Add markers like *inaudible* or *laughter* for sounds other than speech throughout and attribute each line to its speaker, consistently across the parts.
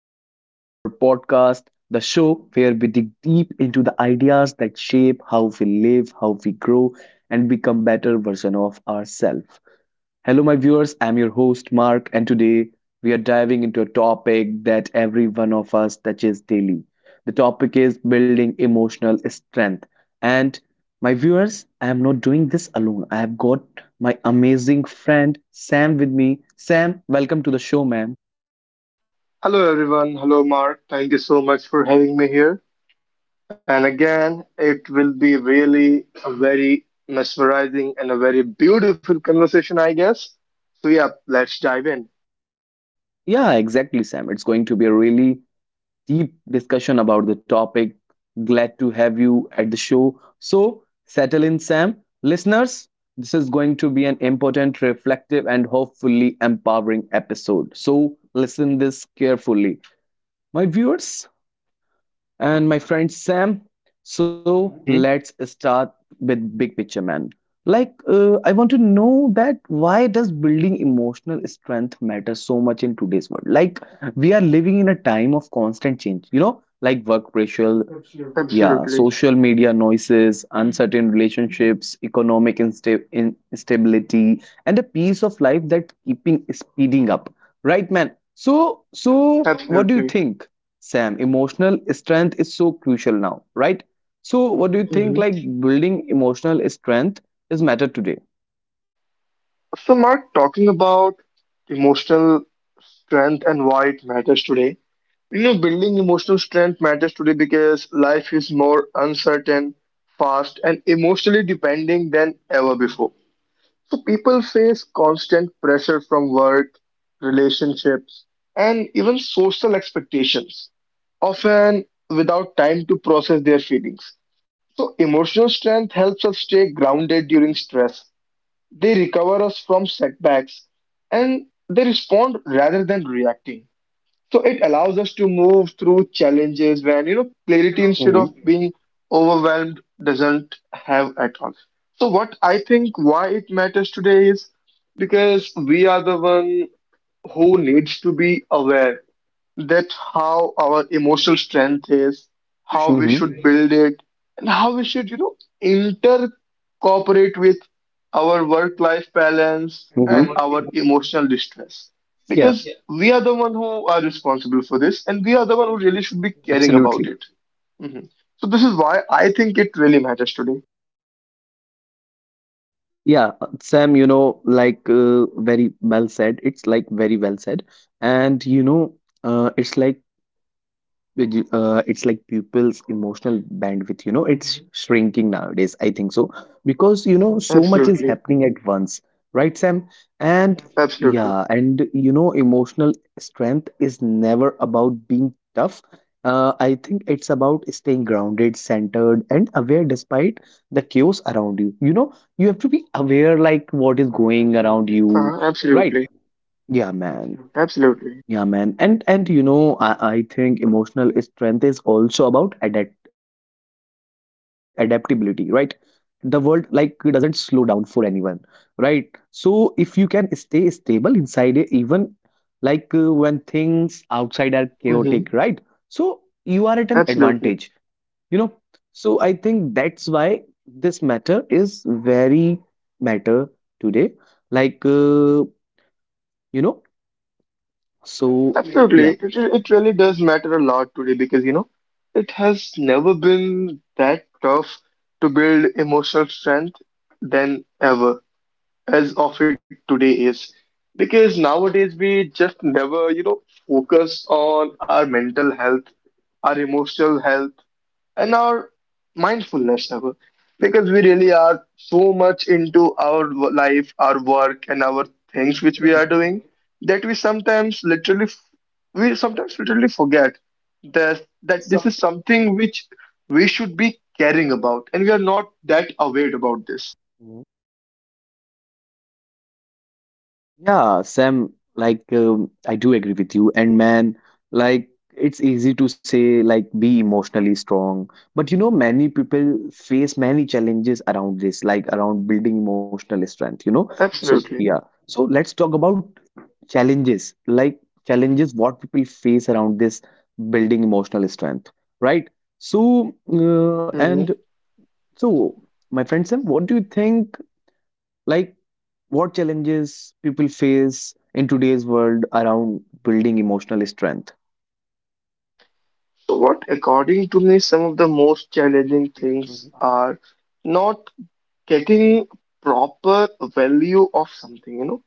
Speaker 1: episode of our podcast, the show where we dig deep into the ideas that shape how we live, how we grow, and become better version of ourselves. Hello, my viewers. I'm your host, Mark, and today we are diving into a topic that every one of us touches daily. The topic is building emotional strength. And my viewers, I am not doing this alone. I have got my amazing friend Sam with me. Sam, welcome to the show, man.
Speaker 2: Hello everyone. Hello Mark. Thank you so much for having me here. And again, it will be really a very mesmerizing and a very beautiful conversation, I guess. So yeah, let's dive in.
Speaker 1: Yeah, exactly, Sam. It's going to be a really deep discussion about the topic. Glad to have you at the show. So, settle in, Sam. Listeners, this is going to be an important, reflective, and hopefully empowering episode. So, listen this carefully. My viewers, and my friend Sam. So
Speaker 2: Hmm
Speaker 1: let's start with big picture, man. Like, I want to know that why does building emotional strength matter so much in today's world? Like, we are living in a time of constant change, like work pressure, yeah,
Speaker 2: Absolutely.
Speaker 1: social media noises, uncertain relationships, economic instability, and a piece of life that keeping speeding up. Right, man? So what do you
Speaker 2: Absolutely.
Speaker 1: think, Sam? Emotional strength is so crucial now, right? So, what do you think?
Speaker 2: Hmm
Speaker 1: Like building emotional strength is matter today.
Speaker 2: So Mark, talking about emotional strength and why it matters today. You know, building emotional strength matters today because life is more uncertain, fast, and emotionally depending than ever before. So people face constant pressure from work, relationships, and even social expectations, often without time to process their feelings. So emotional strength helps us stay grounded during stress. They recover us from setbacks and they respond rather than reacting. So it allows us to move through challenges when, you know, clarity instead of being overwhelmed doesn't have at all. So what I think why it matters today is because we are the one who needs to be aware that how our emotional strength is, how we should build it, and how we should, you know, intercooperate with our work-life balance and our emotional distress.
Speaker 1: Yeah,
Speaker 2: Because we are the one who are responsible for this, and we are the one who really should be caring about
Speaker 1: absolutely.
Speaker 2: it. Mhm. So this is why I think it really matters today.
Speaker 1: Yeah, Sam, you know, like very well said. It's like very well said. And you know, uh, it's like it's like people's emotional bandwidth, you know, it's
Speaker 2: Hmm
Speaker 1: shrinking nowadays. I think so because you know so much is
Speaker 2: Absolutely.
Speaker 1: happening at once, right, Sam? And absolutely,
Speaker 2: Absolutely.
Speaker 1: yeah, and you know, emotional strength is never about being tough. I think it's about staying grounded, centered, and aware despite the chaos around you. You know, you have to be aware like what is going around
Speaker 2: Absolutely.
Speaker 1: you, right? Yeah, man.
Speaker 2: Absolutely.
Speaker 1: Yeah, man. And you know, I think emotional strength is also about adaptability, right? The world like doesn't slow down for anyone, right? So if you can stay stable inside it, even like when things outside are chaotic,
Speaker 2: Hmm
Speaker 1: right? So you are at an advantage, you know. So I think that's why this matter is very matter today. Like uh, you know, so yeah.
Speaker 2: Absolutely. It really does matter a lot today because, you know, it has never been that tough to build emotional strength than ever, as of it today is. Because nowadays we just never, you know, focus on our mental health, our emotional health and our mindfulness ever because we really are so much into our life our work and our things which we are doing that we sometimes literally forget that
Speaker 1: Hmm.
Speaker 2: this is something which we should be caring about, and we are not that aware about this.
Speaker 1: Yeah, Sam, like I do agree with you. And man, like it's easy to say like be emotionally strong, but you know many people face many challenges around this, like around building emotional strength, you know. So
Speaker 2: Absolutely.
Speaker 1: yeah, so let's talk about challenges, like challenges what people face around this building emotional strength, right? So uh,
Speaker 2: Mhm.
Speaker 1: and so my friend Sam, what do you think? Like, what challenges people face in today's world around building emotional strength?
Speaker 2: So, what according to me some of the most
Speaker 1: Mhm,
Speaker 2: challenging things
Speaker 1: mhm,
Speaker 2: are not getting proper value of something, you know.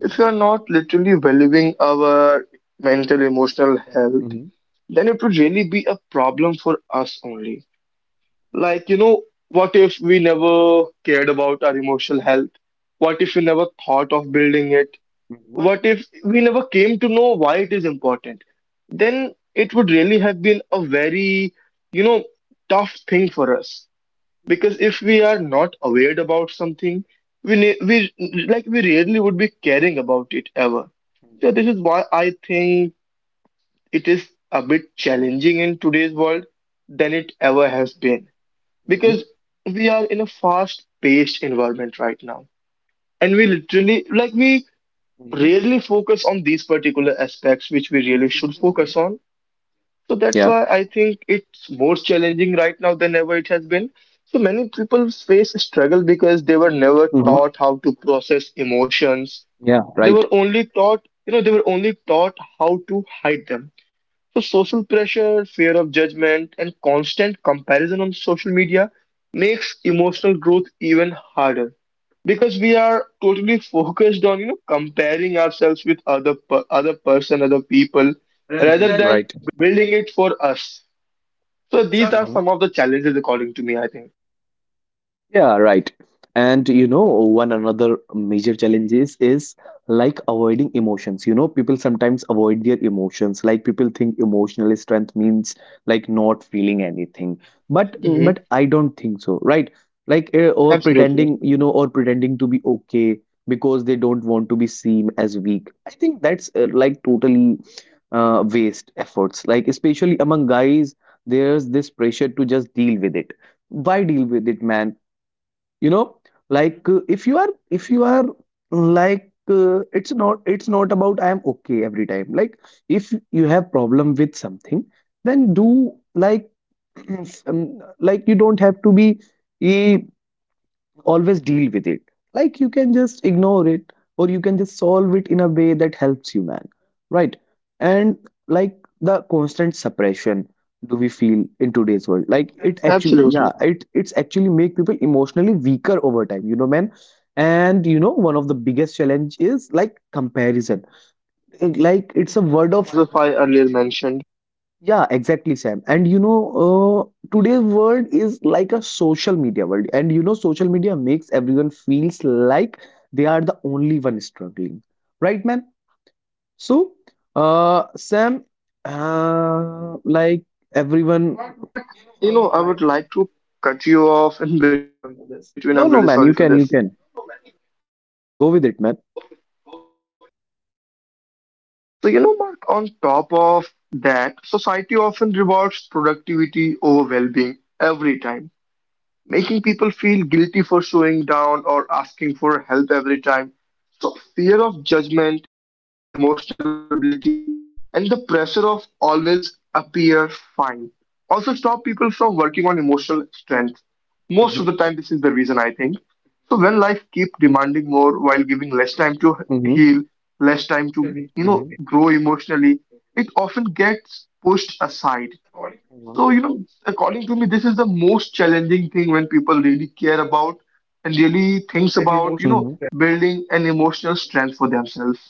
Speaker 2: If you are not literally valuing our mental emotional health,
Speaker 1: mhm,
Speaker 2: then it would really be a problem for us only. Like, you know, what if we never cared about our emotional health? What if we never thought of building it?
Speaker 1: mhm,
Speaker 2: What if we never came to know why it is important? Then it would really have been a very, you know, tough thing for us, because if we are not aware about something, we like we rarely would be caring about it ever. So this is why I think it is a bit challenging in today's world than it ever has been,
Speaker 1: mhm.
Speaker 2: because we are in a fast paced environment right now, and we literally we rarely focus on these particular aspects which we really should focus on. So that's
Speaker 1: Yeah.
Speaker 2: why I think it's more challenging right now than ever it has been. So many people face struggle because they were never
Speaker 1: Mhm.
Speaker 2: taught how to process emotions.
Speaker 1: Yeah.
Speaker 2: They
Speaker 1: Right.
Speaker 2: were only taught, you know, they were only taught how to hide them. So social pressure, fear of judgment, and constant comparison on social media makes emotional growth even harder because we are totally focused on you know comparing ourselves with other per other person, other people, rather
Speaker 1: Mhm.
Speaker 2: than building it for us. So these
Speaker 1: Right.
Speaker 2: are some of the challenges, according to me, I think.
Speaker 1: Yeah, right. And you know, one another major challenge is like avoiding emotions. You know, people sometimes avoid their emotions. Like people think emotional strength means like not feeling anything. But
Speaker 2: Hmm
Speaker 1: but I don't think so, right? Or
Speaker 2: Absolutely.
Speaker 1: pretending, you know, or pretending to be okay because they don't want to be seen as weak. I think that's like totally waste efforts. Like especially among guys, there's this pressure to just deal with it. Why deal with it, man? You know, like if you are like it's not, it's not about I am okay every time. Like if you have problem with something, then do like *clears throat* um, like you don't have to be eh, always deal with it. Like you can just ignore it, or you can just solve it in a way that helps you, man, right? And like the constant suppression do we feel in today's world, like it actually,
Speaker 2: Absolutely.
Speaker 1: yeah, it's actually make people emotionally weaker over time, you know, man. And you know one of the biggest challenge is like comparison. It- like it's a word
Speaker 2: Mhm.
Speaker 1: of
Speaker 2: As if I earlier mentioned,
Speaker 1: yeah, exactly, Sam. And you know, today's world is like a social media world, and you know, social media makes everyone feels like they are the only one struggling, right, man? So, Sam, like everyone,
Speaker 2: Mark, you know, I would like to cut you off in between. I'm really sorry for
Speaker 1: no, no,
Speaker 2: this.
Speaker 1: man, you can with go with it, man.
Speaker 2: So, you know, Mark, on top of that, society often rewards productivity over well being every time, making people feel guilty for showing down or asking for help every time. So, fear of judgment, emotional vulnerability, and the pressure of always appear fine also stop people from working on emotional strength. Most of the time, this
Speaker 1: Mm-hmm,
Speaker 2: is the reason I think. So, when life keeps demanding more while giving less time to
Speaker 1: mm-hmm,
Speaker 2: heal, less time to, you know, grow emotionally, it often gets pushed aside.
Speaker 1: mm-hmm,
Speaker 2: So, you know, according to me, this is the most challenging thing when people really care about and really thinks about, you know,
Speaker 1: mm-hmm.
Speaker 2: building an emotional strength for themselves.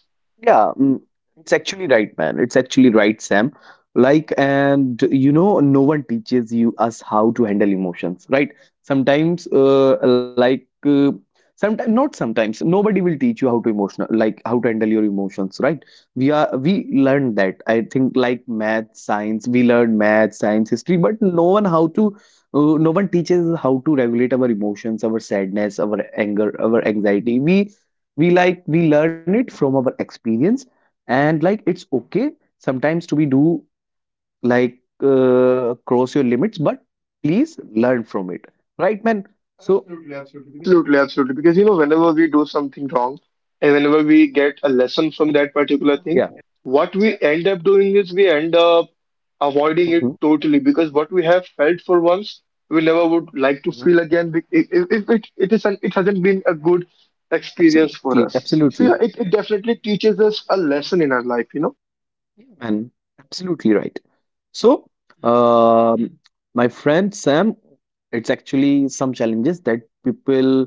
Speaker 1: Yeah, mm, it's actually right, man. It's actually right, Sam. Like, and you know, no one teaches you us how to handle emotions, right? Sometimes, like, sometimes not sometimes, Nobody will teach you how to emotional, like how to handle your emotions, right? We learned that. I think like math, science, we learned math, science, history, but no one how to, no one teaches us how to regulate our emotions, our sadness, our anger, our anxiety. We learn it from our experience. And like it's okay sometimes to be do like cross your limits, but please learn from it, right, man? So absolutely.
Speaker 2: Absolutely, absolutely. Because you know, whenever we do something wrong and whenever we get a lesson from that particular
Speaker 1: Because
Speaker 2: thing,
Speaker 1: yeah we
Speaker 2: what we end up doing is we end up
Speaker 1: are
Speaker 2: avoiding it
Speaker 1: doing.
Speaker 2: totally, because what we have felt for once, we never would like
Speaker 1: Mhm,
Speaker 2: to feel
Speaker 1: mhm.
Speaker 2: again if, if it is an, it hasn't been a good experience for
Speaker 1: Absolutely,
Speaker 2: us. So
Speaker 1: absolutely,
Speaker 2: yeah, it definitely teaches us a lesson in our life, you know?
Speaker 1: yeah, man. Absolutely right. So, um, my friend Sam, it's actually some challenges that people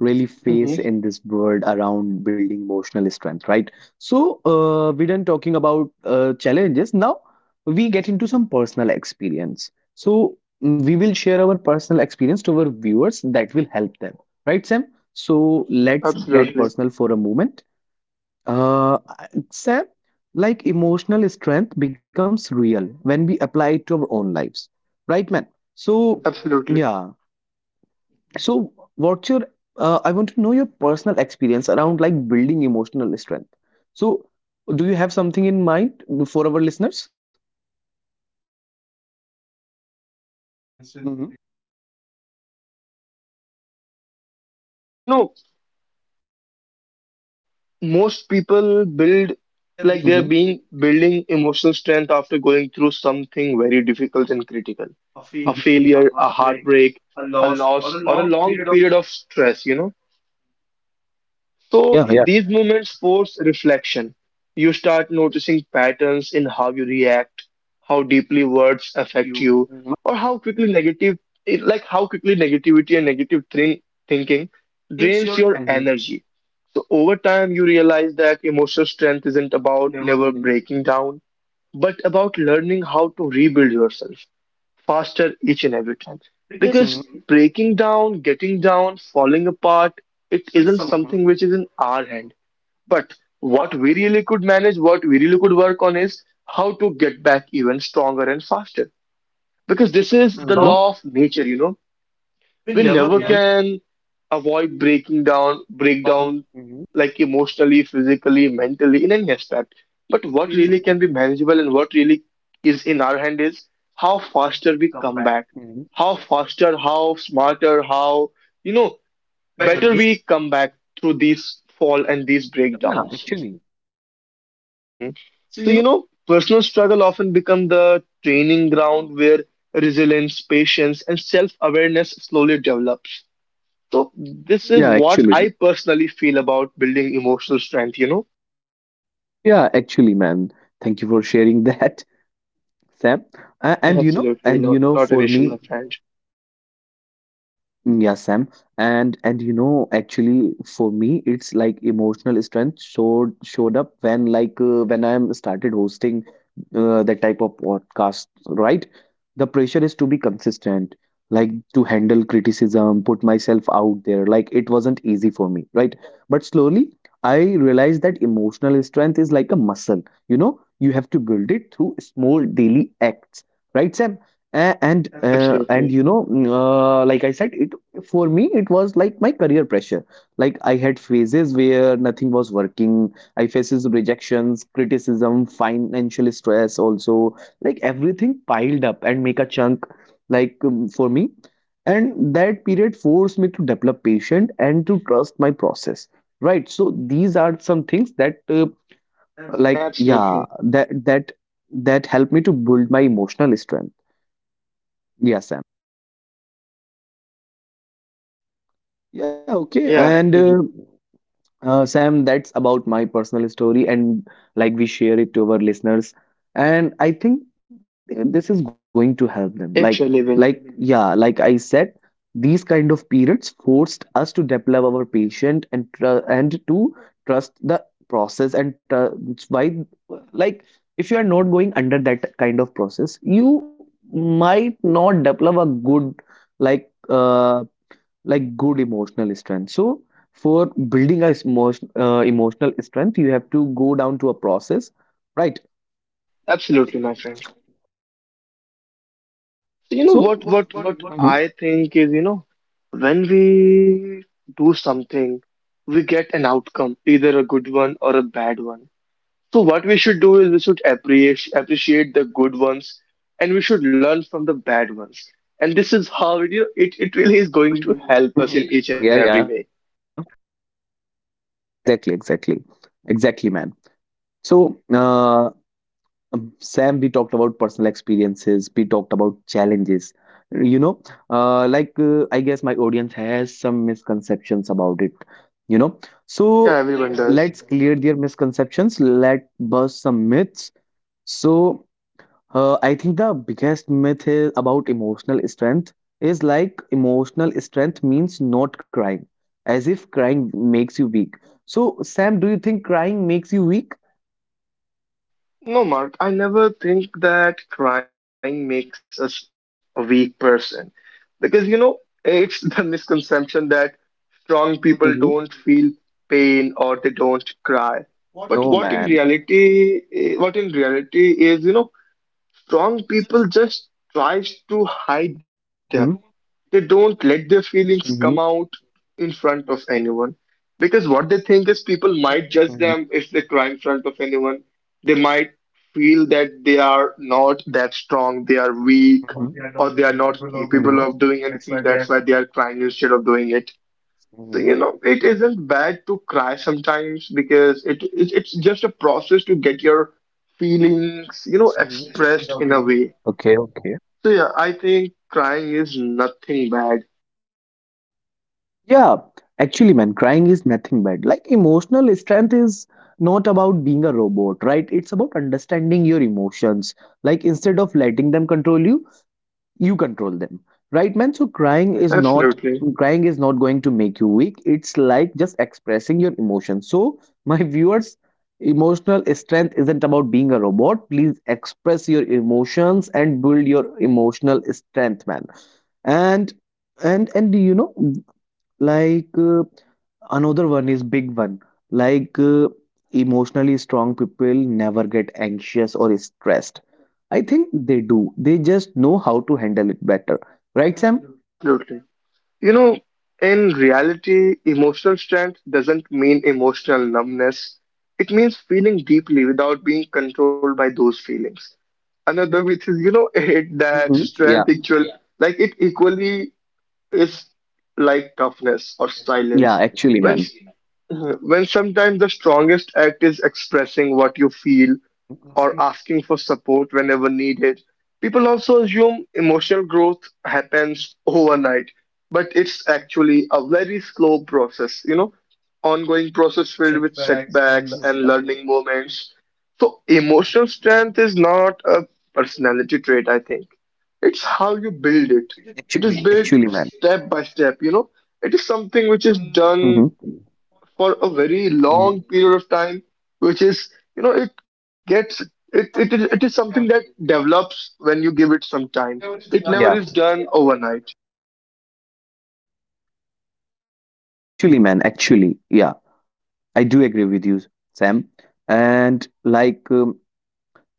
Speaker 1: really face
Speaker 2: Hmm
Speaker 1: in this world around building emotional strength, right? So, we done talking about challenges. Now, we get into some personal experience. So, we will share our personal experience to our viewers that will help them, right, Sam? So, let's get
Speaker 2: Absolutely.
Speaker 1: personal for a moment. Uh, except like emotional strength becomes real when we apply it to our own lives, right, man? So,
Speaker 2: Absolutely.
Speaker 1: yeah. So, what's your? I want to know your personal experience around like building emotional strength. So, do you have something in mind for our listeners?
Speaker 2: Yeah, absolutely. You know, talking about personal
Speaker 1: Mm-hmm.
Speaker 2: experiences related to building emotional strength. Most people, you know, most people build
Speaker 1: Mm-hmm.
Speaker 2: like
Speaker 1: Mm-hmm. Yeah,
Speaker 2: they're
Speaker 1: yeah.
Speaker 2: being building emotional strength after going through something very difficult and critical. A failure, a heartbreak, a loss, or a long period of stress, you know. So these moments force reflection. You start noticing patterns in how you react, how deeply words affect you, or like how quickly negativity and thinking drains your energy. So over time, you realize that emotional strength isn't about never breaking down, but about learning how to rebuild yourself faster each and every time. Because breaking down, getting down, falling apart, it isn't something which is in our hand. But what we really could manage, what we really could work on is how to get back even stronger and faster. Because this is the
Speaker 1: Mm-hmm.
Speaker 2: law of nature, you know, we never can avoid breaking down break down, like emotionally, physically, mentally, in any aspect. But what really can be manageable and what really is in our hand is how faster we come back, how faster, how smarter, how, you know, better
Speaker 1: Mm-hmm.
Speaker 2: we come back through these fall and these
Speaker 1: Mm-hmm. Yeah,
Speaker 2: breakdowns.
Speaker 1: actually.
Speaker 2: Hmm so, you know, personal struggle often become the training ground where resilience, patience, and self-awareness slowly develops. So this is
Speaker 1: Yeah,
Speaker 2: what
Speaker 1: actually.
Speaker 2: I personally feel about building emotional strength, you know?
Speaker 1: Yeah, actually, man, thank you for sharing that, *laughs* Sam. And you know,
Speaker 2: Absolutely,
Speaker 1: and you
Speaker 2: not
Speaker 1: know,
Speaker 2: not an
Speaker 1: for
Speaker 2: issue, my
Speaker 1: me,
Speaker 2: friend.
Speaker 1: mm, yeah, Sam. And you know, actually, for me, it's like emotional strength showed up when like when I'm started hosting that type of podcast, right? The pressure is to be consistent, like to handle criticism, put myself out there. Like it wasn't easy for me, right? But slowly, I realized that emotional strength is like a muscle. You know, you have to build it through small daily acts, right, Sam? And
Speaker 2: Absolutely.
Speaker 1: and you know, like I said, it for me it was like my career pressure. Like I had phases where nothing was working. I faces rejections, criticism, financial stress also. Like everything piled up and make a chunk. Like for me, and that period forced me to develop patience and to trust my process. Right. So these are some things that, like
Speaker 2: Absolutely.
Speaker 1: yeah, that helped me to build my emotional strength. Yes, yeah, okay.
Speaker 2: Yeah.
Speaker 1: And
Speaker 2: Mhm.
Speaker 1: Sam, that's about my personal story, and like we share it to our listeners. And I think this is going to help them.
Speaker 2: It really
Speaker 1: Like
Speaker 2: will.
Speaker 1: yeah, like I said, these kind of periods forced us to develop our patient and and to trust the process and tr it's why, like, if you are not going under that kind of process, you might not develop a good like. uh, like good emotional strength. So for building a emotional strength you have to go down to a process, right?
Speaker 2: Absolutely, my friend. So you know what
Speaker 1: So
Speaker 2: what
Speaker 1: what?
Speaker 2: what
Speaker 1: what what
Speaker 2: I
Speaker 1: Mhm.
Speaker 2: think is, you know, when we do something, we get an outcome, either a good one or a bad one. So what we should do is we should appreciate the good ones and we should learn from the bad ones. And this is how it really is going to help us in each and every
Speaker 1: Yeah,
Speaker 2: way.
Speaker 1: yeah, exactly exactly exactly man. So Sam, we talked about personal experiences, we talked about challenges, you know, I guess my audience has some misconceptions about it, you know, so
Speaker 2: Yeah, everyone
Speaker 1: yeah,
Speaker 2: does.
Speaker 1: let's exactly clear their misconceptions. Let bust some myths. So I think the biggest myth is about emotional strength is like emotional strength means not crying, as if crying makes you weak. So, Sam, do you think crying makes you weak?
Speaker 2: No, Mark, I never think that crying makes us a weak person. Because, you know, it's *laughs* the misconception that strong people don't
Speaker 1: Mhm.
Speaker 2: feel pain or they don't cry. But
Speaker 1: No,
Speaker 2: what in
Speaker 1: man.
Speaker 2: reality, eh, what in reality is, you know, strong people just tries to hide them.
Speaker 1: Mhm.
Speaker 2: They don't let their feelings
Speaker 1: Mhm.
Speaker 2: come out
Speaker 1: Mhm.
Speaker 2: in front of anyone, because what they think is people might judge them if they cry in front of anyone. They might feel that they are not that strong, they are weak,
Speaker 1: Mhm.
Speaker 2: or they are not capable
Speaker 1: Mhm.
Speaker 2: of doing anything. That's why they are crying instead of doing it. So,
Speaker 1: Mhm.
Speaker 2: you know, it isn't bad to cry sometimes, because it it's just a process to get your feelings, you know, expressed in a way.
Speaker 1: Okay, okay.
Speaker 2: So yeah, I think crying is nothing bad.
Speaker 1: Yeah, actually, man, crying is nothing bad. Like emotional strength is not about being a robot, right? It's about understanding your emotions. Like instead of letting them control you, you control them, right, man? So crying right, is not,
Speaker 2: Absolutely.
Speaker 1: crying is not going to make you weak. It's like just expressing your emotions. So *laughs* my viewers, emotional strength isn't about being a robot. Please express your emotions and build your emotional strength, man. And and you know like another one is big one. Like emotionally strong people never get anxious or stressed. I think they do. They just know how to handle it better. Right, Sam?
Speaker 2: Absolutely. You know, in reality, emotional strength doesn't mean emotional numbness. It means feeling deeply without being controlled by those feelings. Another which is, you know, *laughs* it that
Speaker 1: Hmm. Yeah.
Speaker 2: strength equal like it equally is like toughness or
Speaker 1: Yeah,
Speaker 2: silence.
Speaker 1: actually,
Speaker 2: When
Speaker 1: man.
Speaker 2: s- when sometimes the strongest act is expressing what you feel or asking for support whenever needed. People also assume emotional growth happens overnight, but it's actually a very slow process, you know, ongoing process filled with setbacks and learning moments. So, emotional strength is not a personality trait, I think. It's how you build it. It is
Speaker 1: Actually,
Speaker 2: built
Speaker 1: actually, man.
Speaker 2: step by step, you know. It is something which is done
Speaker 1: Hmm.
Speaker 2: for a very long
Speaker 1: Hmm.
Speaker 2: period of time, which is, you know, it gets it is something that develops when you give it some time. It never
Speaker 1: Yeah,
Speaker 2: is done overnight.
Speaker 1: actually, man, actually, yeah, I do agree with you, Sam. And like,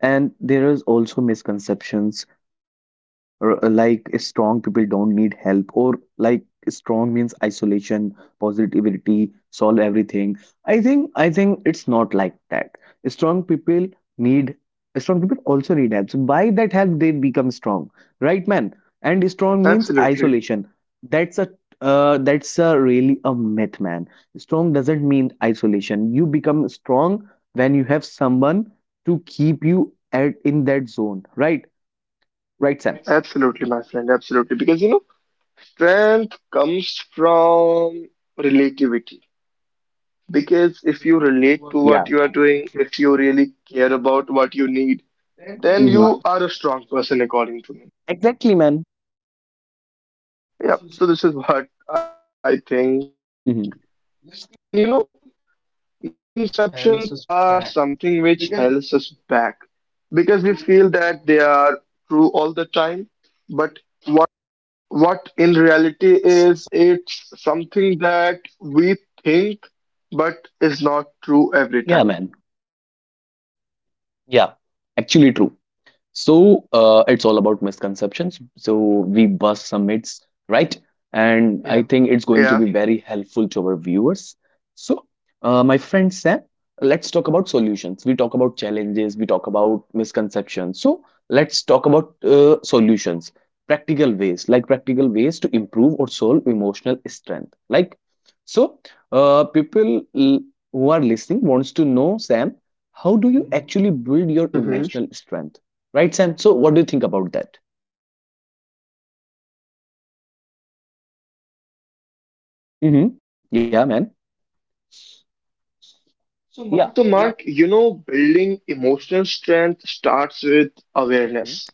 Speaker 1: and there is also misconceptions r- like strong people don't need help, or like strong means isolation, positivity, solve everything. I think it's not like that. Strong people need, strong people also need help. So by that help they become strong, right, man? And strong means
Speaker 2: Absolutely.
Speaker 1: isolation. That's a that's a really a myth, man. Strong doesn't mean isolation. You become strong when you have someone to keep you at in that zone, right? Right, Sam?
Speaker 2: Absolutely, my friend, absolutely. Because you know, strength comes from relativity. Because if you relate to
Speaker 1: Yeah.
Speaker 2: what you are doing, if you really care about what you need, then
Speaker 1: Mhm.
Speaker 2: you are a strong person according to me.
Speaker 1: Exactly, man.
Speaker 2: Yeah, so this is what I think. And you
Speaker 1: Mhm.
Speaker 2: know, misconceptions are something which holds us back, because we feel that they are true all the time. But what in reality is, it's something that we think but is not true every
Speaker 1: Yeah,
Speaker 2: time.
Speaker 1: man. Yeah, actually true. So it's all about misconceptions. So we bust some myths, right? And I think it's going to
Speaker 2: Yeah.
Speaker 1: be very helpful to our viewers. So, my friend Sam, let's talk about solutions. We talk about challenges, we talk about misconceptions. So let's talk about solutions, practical ways, like practical ways to improve or solve emotional strength. Like, so uh, people l- who are listening wants to know, Sam, how do you actually build
Speaker 2: Mhm.
Speaker 1: your emotional strength? Right, Sam? So, what do you think about that? Mm-hmm. Yeah, man. Yeah.
Speaker 2: So, Mark, you know, building emotional strength starts with
Speaker 1: Mhm.
Speaker 2: awareness,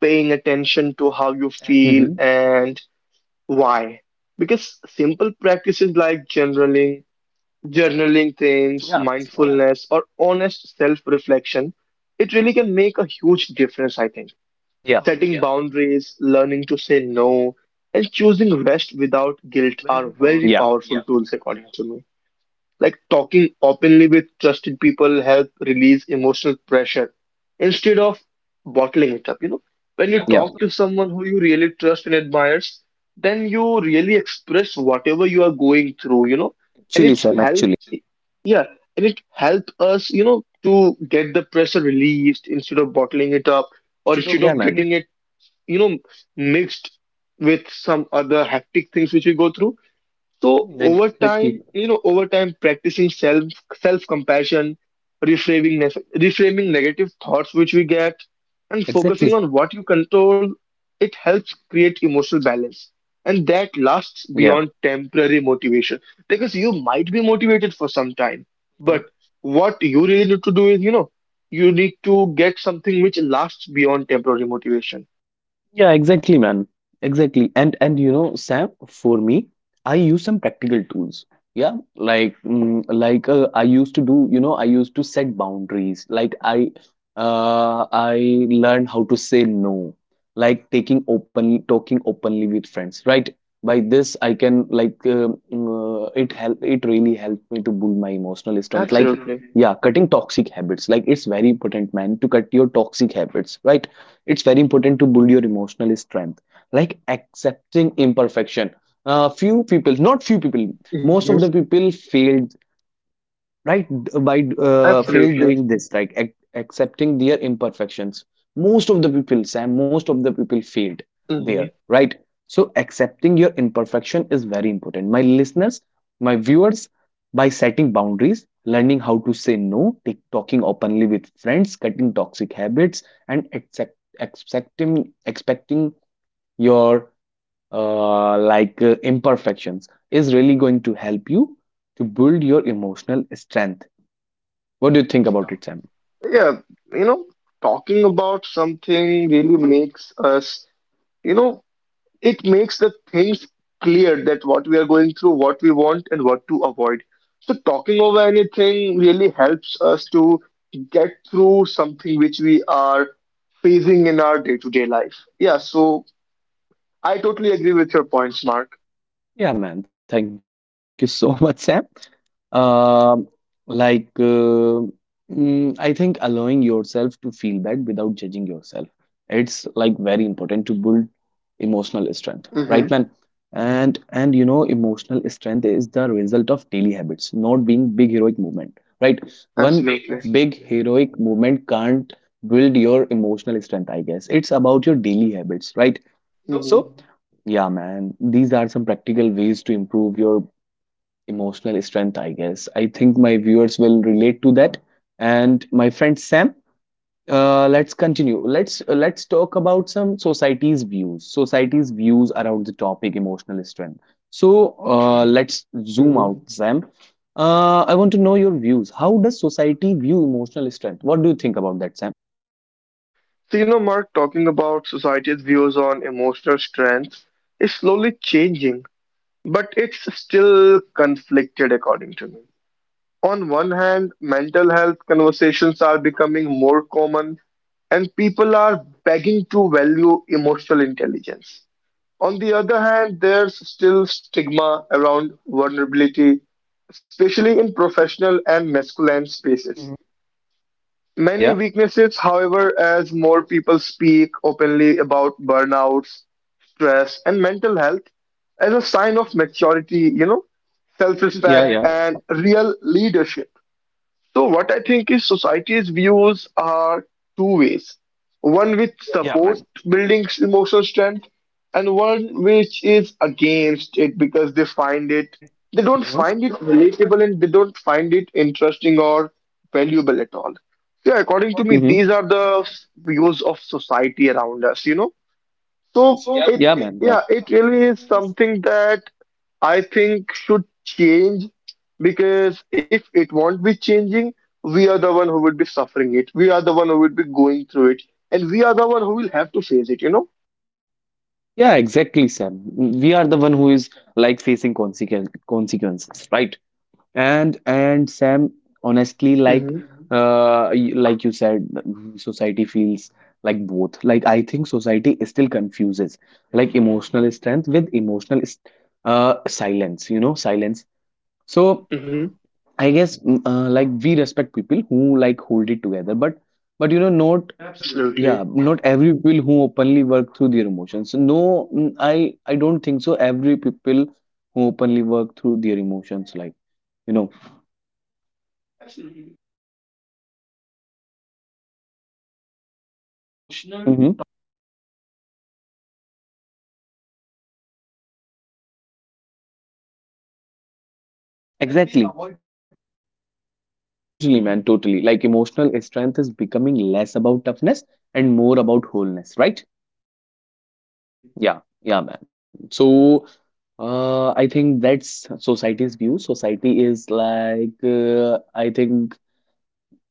Speaker 2: paying attention to how you
Speaker 1: Mm-hmm.
Speaker 2: feel and why. Because simple practices like journaling things,
Speaker 1: Yeah.
Speaker 2: mindfulness, or honest self reflection, it really can make a huge difference, I think.
Speaker 1: Yeah.
Speaker 2: Setting Yeah. boundaries, learning to say no, and choosing rest without guilt are very Yeah.
Speaker 1: Yeah.
Speaker 2: powerful Yeah. tools, according to me. Like talking openly with trusted people help release emotional pressure instead of bottling it up.
Speaker 1: Yeah.
Speaker 2: When you Yeah,
Speaker 1: Yeah.
Speaker 2: talk yeah, to someone who you really trust and admires, then you really express whatever you are going through, and
Speaker 1: Actually,
Speaker 2: it
Speaker 1: Sam, actually.
Speaker 2: helps. Yeah, and it helps us to get the pressure released instead of bottling it up or instead of
Speaker 1: Yeah,
Speaker 2: Yeah,
Speaker 1: man.
Speaker 2: getting it, you know, mixed with some other hectic things which we go through. So
Speaker 1: Mm,
Speaker 2: over
Speaker 1: exactly.
Speaker 2: time, practicing self compassion, reframing reframing negative thoughts which we get, and
Speaker 1: Exactly.
Speaker 2: focusing on what you control, it helps create emotional balance, and that lasts
Speaker 1: Yeah.
Speaker 2: beyond temporary motivation. Because you might be motivated for some time, but what you really need to do is, you need to get something which lasts beyond temporary motivation.
Speaker 1: Yeah, exactly, man. Exactly. And you know, Sam, for me, I use some practical tools. Yeah, like I used to do, you know, I used to set boundaries. Like I learned how to say no. Like taking open talking openly with friends, right? By this, I can like it really helped me to build my emotional strength. Like absolutely,
Speaker 2: Absolutely.
Speaker 1: yeah, cutting toxic habits. Like it's very important, man, to cut your toxic habits, right? It's very important to build your emotional strength, like accepting imperfection, few people not few people,
Speaker 2: Hmm.
Speaker 1: most of the people failed, right d- by failed
Speaker 2: Absolutely.
Speaker 1: doing this, like ac accepting their imperfections. Most of the people, Sam, most of the people failed
Speaker 2: Mm-hmm.
Speaker 1: there, right? So accepting your imperfection is very important, my listeners, my viewers. By setting boundaries, learning how to say no, talking openly with friends, cutting toxic habits, and accepting expecting your imperfections is really going to help you to build your emotional strength. What do you think about it, Sam?
Speaker 2: Yeah, you know, talking about something really makes us, you know, it makes the things clear that what we are going through, what we want, and what to avoid. So, talking over anything really helps us to get through something which we are facing in our day-to-day life. Yeah, so I totally agree with your points, Mark.
Speaker 1: Yeah, man. Thank you so *laughs* much, Sam. Um, like, uh, I think allowing yourself to feel bad without judging yourself. It's like very important to build emotional strength,
Speaker 2: Mm-hmm,
Speaker 1: right, man? And you know, emotional strength is the result of daily habits, not being big heroic movement, right? One
Speaker 2: absolutely.
Speaker 1: big heroic movement can't build your emotional strength, I guess. It's about your daily habits, right?
Speaker 2: Mm-hmm,
Speaker 1: So, yeah, man, these are some practical ways to improve your emotional strength, I guess. I think my viewers will relate to that. And my friend Sam, let's continue. Let's talk about some society's views. Society's views around the topic emotional strength. So, okay, let's zoom
Speaker 2: mm-hmm.
Speaker 1: out, Sam. I want to know your views. How does society view emotional strength? What do you think about that, Sam?
Speaker 2: So, Mark, talking about society's views on emotional strength is slowly changing, but it's still conflicted according to me. On one hand, mental health conversations are becoming more common and people are begging to value emotional intelligence. On the other hand, there's still stigma around vulnerability, especially in professional and masculine spaces.
Speaker 1: Yeah,
Speaker 2: Many
Speaker 1: yeah.
Speaker 2: weaknesses, however, as more people speak openly about burnouts, stress, and mental health as a sign of maturity, self
Speaker 1: Yeah,
Speaker 2: respect,
Speaker 1: yeah.
Speaker 2: and real leadership. So what I think is society's views are two ways. One which
Speaker 1: Yeah,
Speaker 2: supports
Speaker 1: man.
Speaker 2: building emotional strength and one which is against it because they don't find it relatable and they don't find it interesting or valuable at all. Yeah, according to me,
Speaker 1: Mm-hmm.
Speaker 2: these are the views of society around us, you know. So
Speaker 1: Yeah, man. Yeah.
Speaker 2: yeah, it really is something that I think should change because if it won't be changing, we are the one who would be suffering it. We are the one who would be going through it, and we are the one who will have to face it, you know?
Speaker 1: Yeah, exactly, Sam. We are the one who is like facing consequences, right? And Sam, honestly, like
Speaker 2: Mm-hmm.
Speaker 1: like you said, society feels like both. Like I think society still confuses like emotional strength with silence, you know, silence. So
Speaker 2: Mm-hmm.
Speaker 1: I guess like we respect people who like hold it together, but you know not,
Speaker 2: Absolutely.
Speaker 1: yeah, not every people who openly work through their emotions. No, mm, I don't think so. Every people who openly work through their emotions, like you know.
Speaker 2: Absolutely. Because you know what actually happens is their emotional
Speaker 1: Hmm.
Speaker 2: talk isn't, you know, it isn't admired, it isn't appreciated. So that's why they *laughs* like they
Speaker 1: Exactly.
Speaker 2: avoid doing it.
Speaker 1: Totally, man. Totally. Like emotional strength is becoming less about toughness and more about wholeness, right?
Speaker 2: Absolutely.
Speaker 1: Yeah, yeah, man. So, I think that's society's view. Society is like, I think,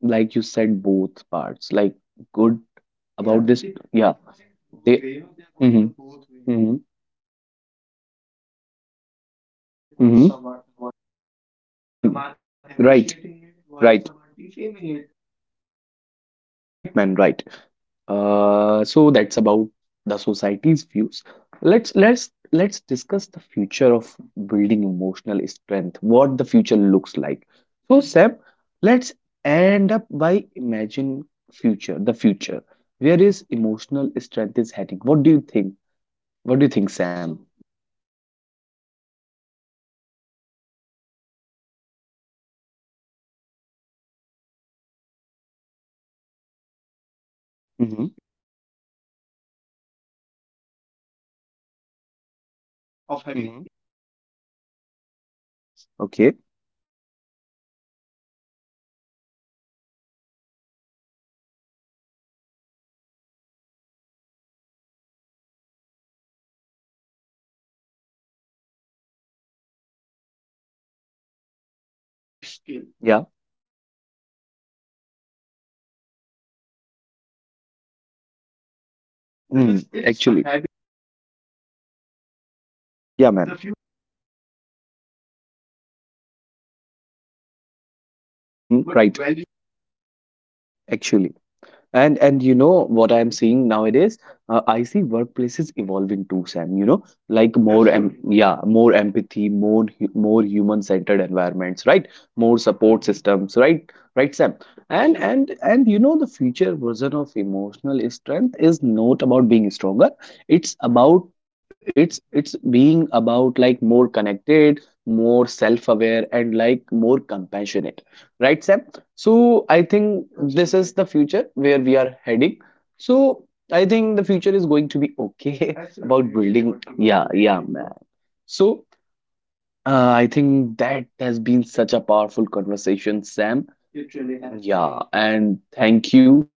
Speaker 1: like you said, both parts, like good
Speaker 2: Yeah, they,
Speaker 1: about this.
Speaker 2: they are
Speaker 1: Yeah,
Speaker 2: going the both way. You know, they
Speaker 1: they.
Speaker 2: are going the
Speaker 1: Mm-hmm.
Speaker 2: both way.
Speaker 1: Mm-hmm.
Speaker 2: Like some are prioritizing it and some
Speaker 1: Mm-hmm.
Speaker 2: are avoiding it. Some
Speaker 1: Hmm.
Speaker 2: are
Speaker 1: Right.
Speaker 2: appreciating it while some
Speaker 1: Right.
Speaker 2: are defaming it as a weakness, you know?
Speaker 1: Right, man. Right. So that's about the society's views. Let's discuss the future of building emotional strength, what the future looks like. So Sam, let's end up by imagine the future. Where is emotional strength is heading? What do you think? What do you think,
Speaker 2: So,
Speaker 1: Sam?
Speaker 2: Mark, talking about the future of building emotional strength, what it looks like, the future of emotional strength looks more intentional and more expected, I think,
Speaker 1: Mm-hmm.
Speaker 2: because schools, workplaces, and communities are starting to acknowledge the importance of
Speaker 1: Of
Speaker 2: having
Speaker 1: having. Mhm.
Speaker 2: emotional well being alongside the performance.
Speaker 1: Okay.
Speaker 2: Technology may brief new challenges, but it also offers tools for awareness, for awareness, for learning, and connections. As conversations around mental health continue to grow, emotional strength will likely be seen as a core life skill,
Speaker 1: Yeah.
Speaker 2: something people actively develop, not something they are expected to magically have,
Speaker 1: Mm,
Speaker 2: because
Speaker 1: because
Speaker 2: it's
Speaker 1: it's
Speaker 2: a
Speaker 1: actually.
Speaker 2: habit. It's not something you are born with.
Speaker 1: Yeah,
Speaker 2: The
Speaker 1: man.
Speaker 2: future points towards world where emotional resilience is not hidden anymore,
Speaker 1: Hmm.
Speaker 2: but
Speaker 1: Right.
Speaker 2: valued and supported.
Speaker 1: Actually. And you know what I'm
Speaker 2: Hmm.
Speaker 1: seeing nowadays? I see workplaces evolving too, Sam. You know, like more em
Speaker 2: Absolutely.
Speaker 1: yeah, more empathy, more human-centered environments, right? More support
Speaker 2: Hmm.
Speaker 1: systems, right? Right, Sam. And
Speaker 2: Absolutely.
Speaker 1: and and you know, the future version of emotional strength is not about being stronger. It's being about like more connected, more self-aware, and like more compassionate, right, Sam? So I think this
Speaker 2: Absolutely.
Speaker 1: is the future where we are heading. So I think the future is going to be okay *laughs*
Speaker 2: Absolutely,
Speaker 1: about
Speaker 2: it really would
Speaker 1: building.
Speaker 2: be going to
Speaker 1: Yeah,
Speaker 2: be okay,
Speaker 1: yeah,
Speaker 2: you know.
Speaker 1: man. So I think that has been such a powerful conversation, Sam.
Speaker 2: It really has been
Speaker 1: Yeah,
Speaker 2: indeed.
Speaker 1: and thank you.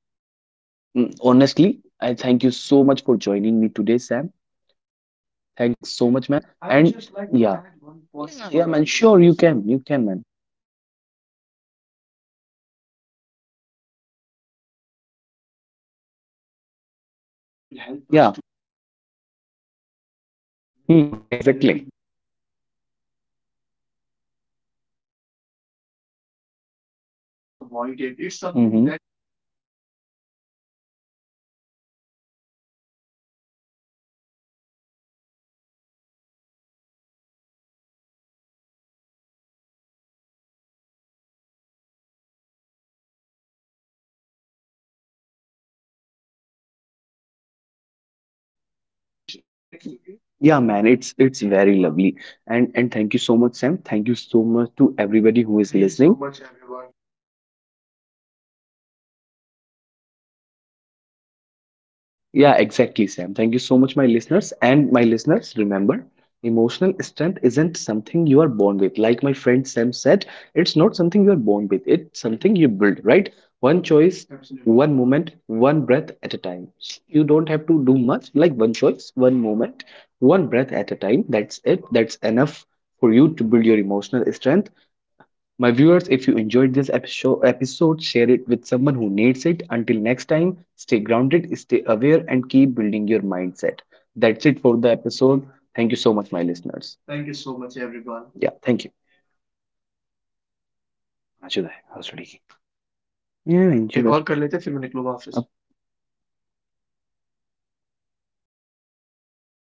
Speaker 1: Mm, honestly, I thank you so much for joining me today, Sam.
Speaker 2: I
Speaker 1: Thanks
Speaker 2: would
Speaker 1: so
Speaker 2: just
Speaker 1: much,
Speaker 2: like to
Speaker 1: man.
Speaker 2: add
Speaker 1: And
Speaker 2: one point for
Speaker 1: yeah,
Speaker 2: our listeners, you
Speaker 1: yeah,
Speaker 2: know.
Speaker 1: yeah, man. Sure,
Speaker 2: I would
Speaker 1: you
Speaker 2: just like
Speaker 1: can,
Speaker 2: to
Speaker 1: man.
Speaker 2: add up one thing that emotional strength is what we really should focus on, because it will help us to be more
Speaker 1: Yeah.
Speaker 2: productive, to be more healthy,
Speaker 1: Hmm,
Speaker 2: and to be more
Speaker 1: exactly.
Speaker 2: appreciated whatever we do. Because setback never, it never is avoided. It's something that will affect us.
Speaker 1: Mhm.
Speaker 2: But building the emotional strength, the emotional health, the emotional strength will
Speaker 1: Hmm.
Speaker 2: help us to get
Speaker 1: Hmm.
Speaker 2: through it very easily, you know. So yeah, this is what I think we should actually be doing, you know. So, Mark, once again, it was a very lovely conversation according to me.
Speaker 1: Yeah, man, it's very lovely. And thank you so much, Sam. Thank you so
Speaker 2: Thank you
Speaker 1: much
Speaker 2: so
Speaker 1: to
Speaker 2: much,
Speaker 1: everybody who
Speaker 2: everyone,
Speaker 1: is
Speaker 2: for,
Speaker 1: listening.
Speaker 2: you know, letting us to talk on this particular topic, you know.
Speaker 1: Yeah, yeah, exactly, Sam. Thank you so much, my listeners. And my listeners, remember, emotional strength isn't something you are born with. Like my friend Sam said, it's not something you are born with, it's something you build, right? One
Speaker 2: Absolutely.
Speaker 1: choice, absolutely, one moment, one breath at a time. You don't have to do much, like one choice, one moment, one breath at a time. That's it. That's enough for you to build your emotional strength. My viewers, if you enjoyed this episode, share it with someone who needs it. Until next time, stay grounded, stay aware, and keep building your mindset. That's it for the episode. Thank you so much, my listeners.
Speaker 2: Thank you so much, everyone.
Speaker 1: Yeah, thank you. आज है, आज हो है। Yeah, enjoy. कर लेते हैं, फिर मैं निकलूंगा ऑफिस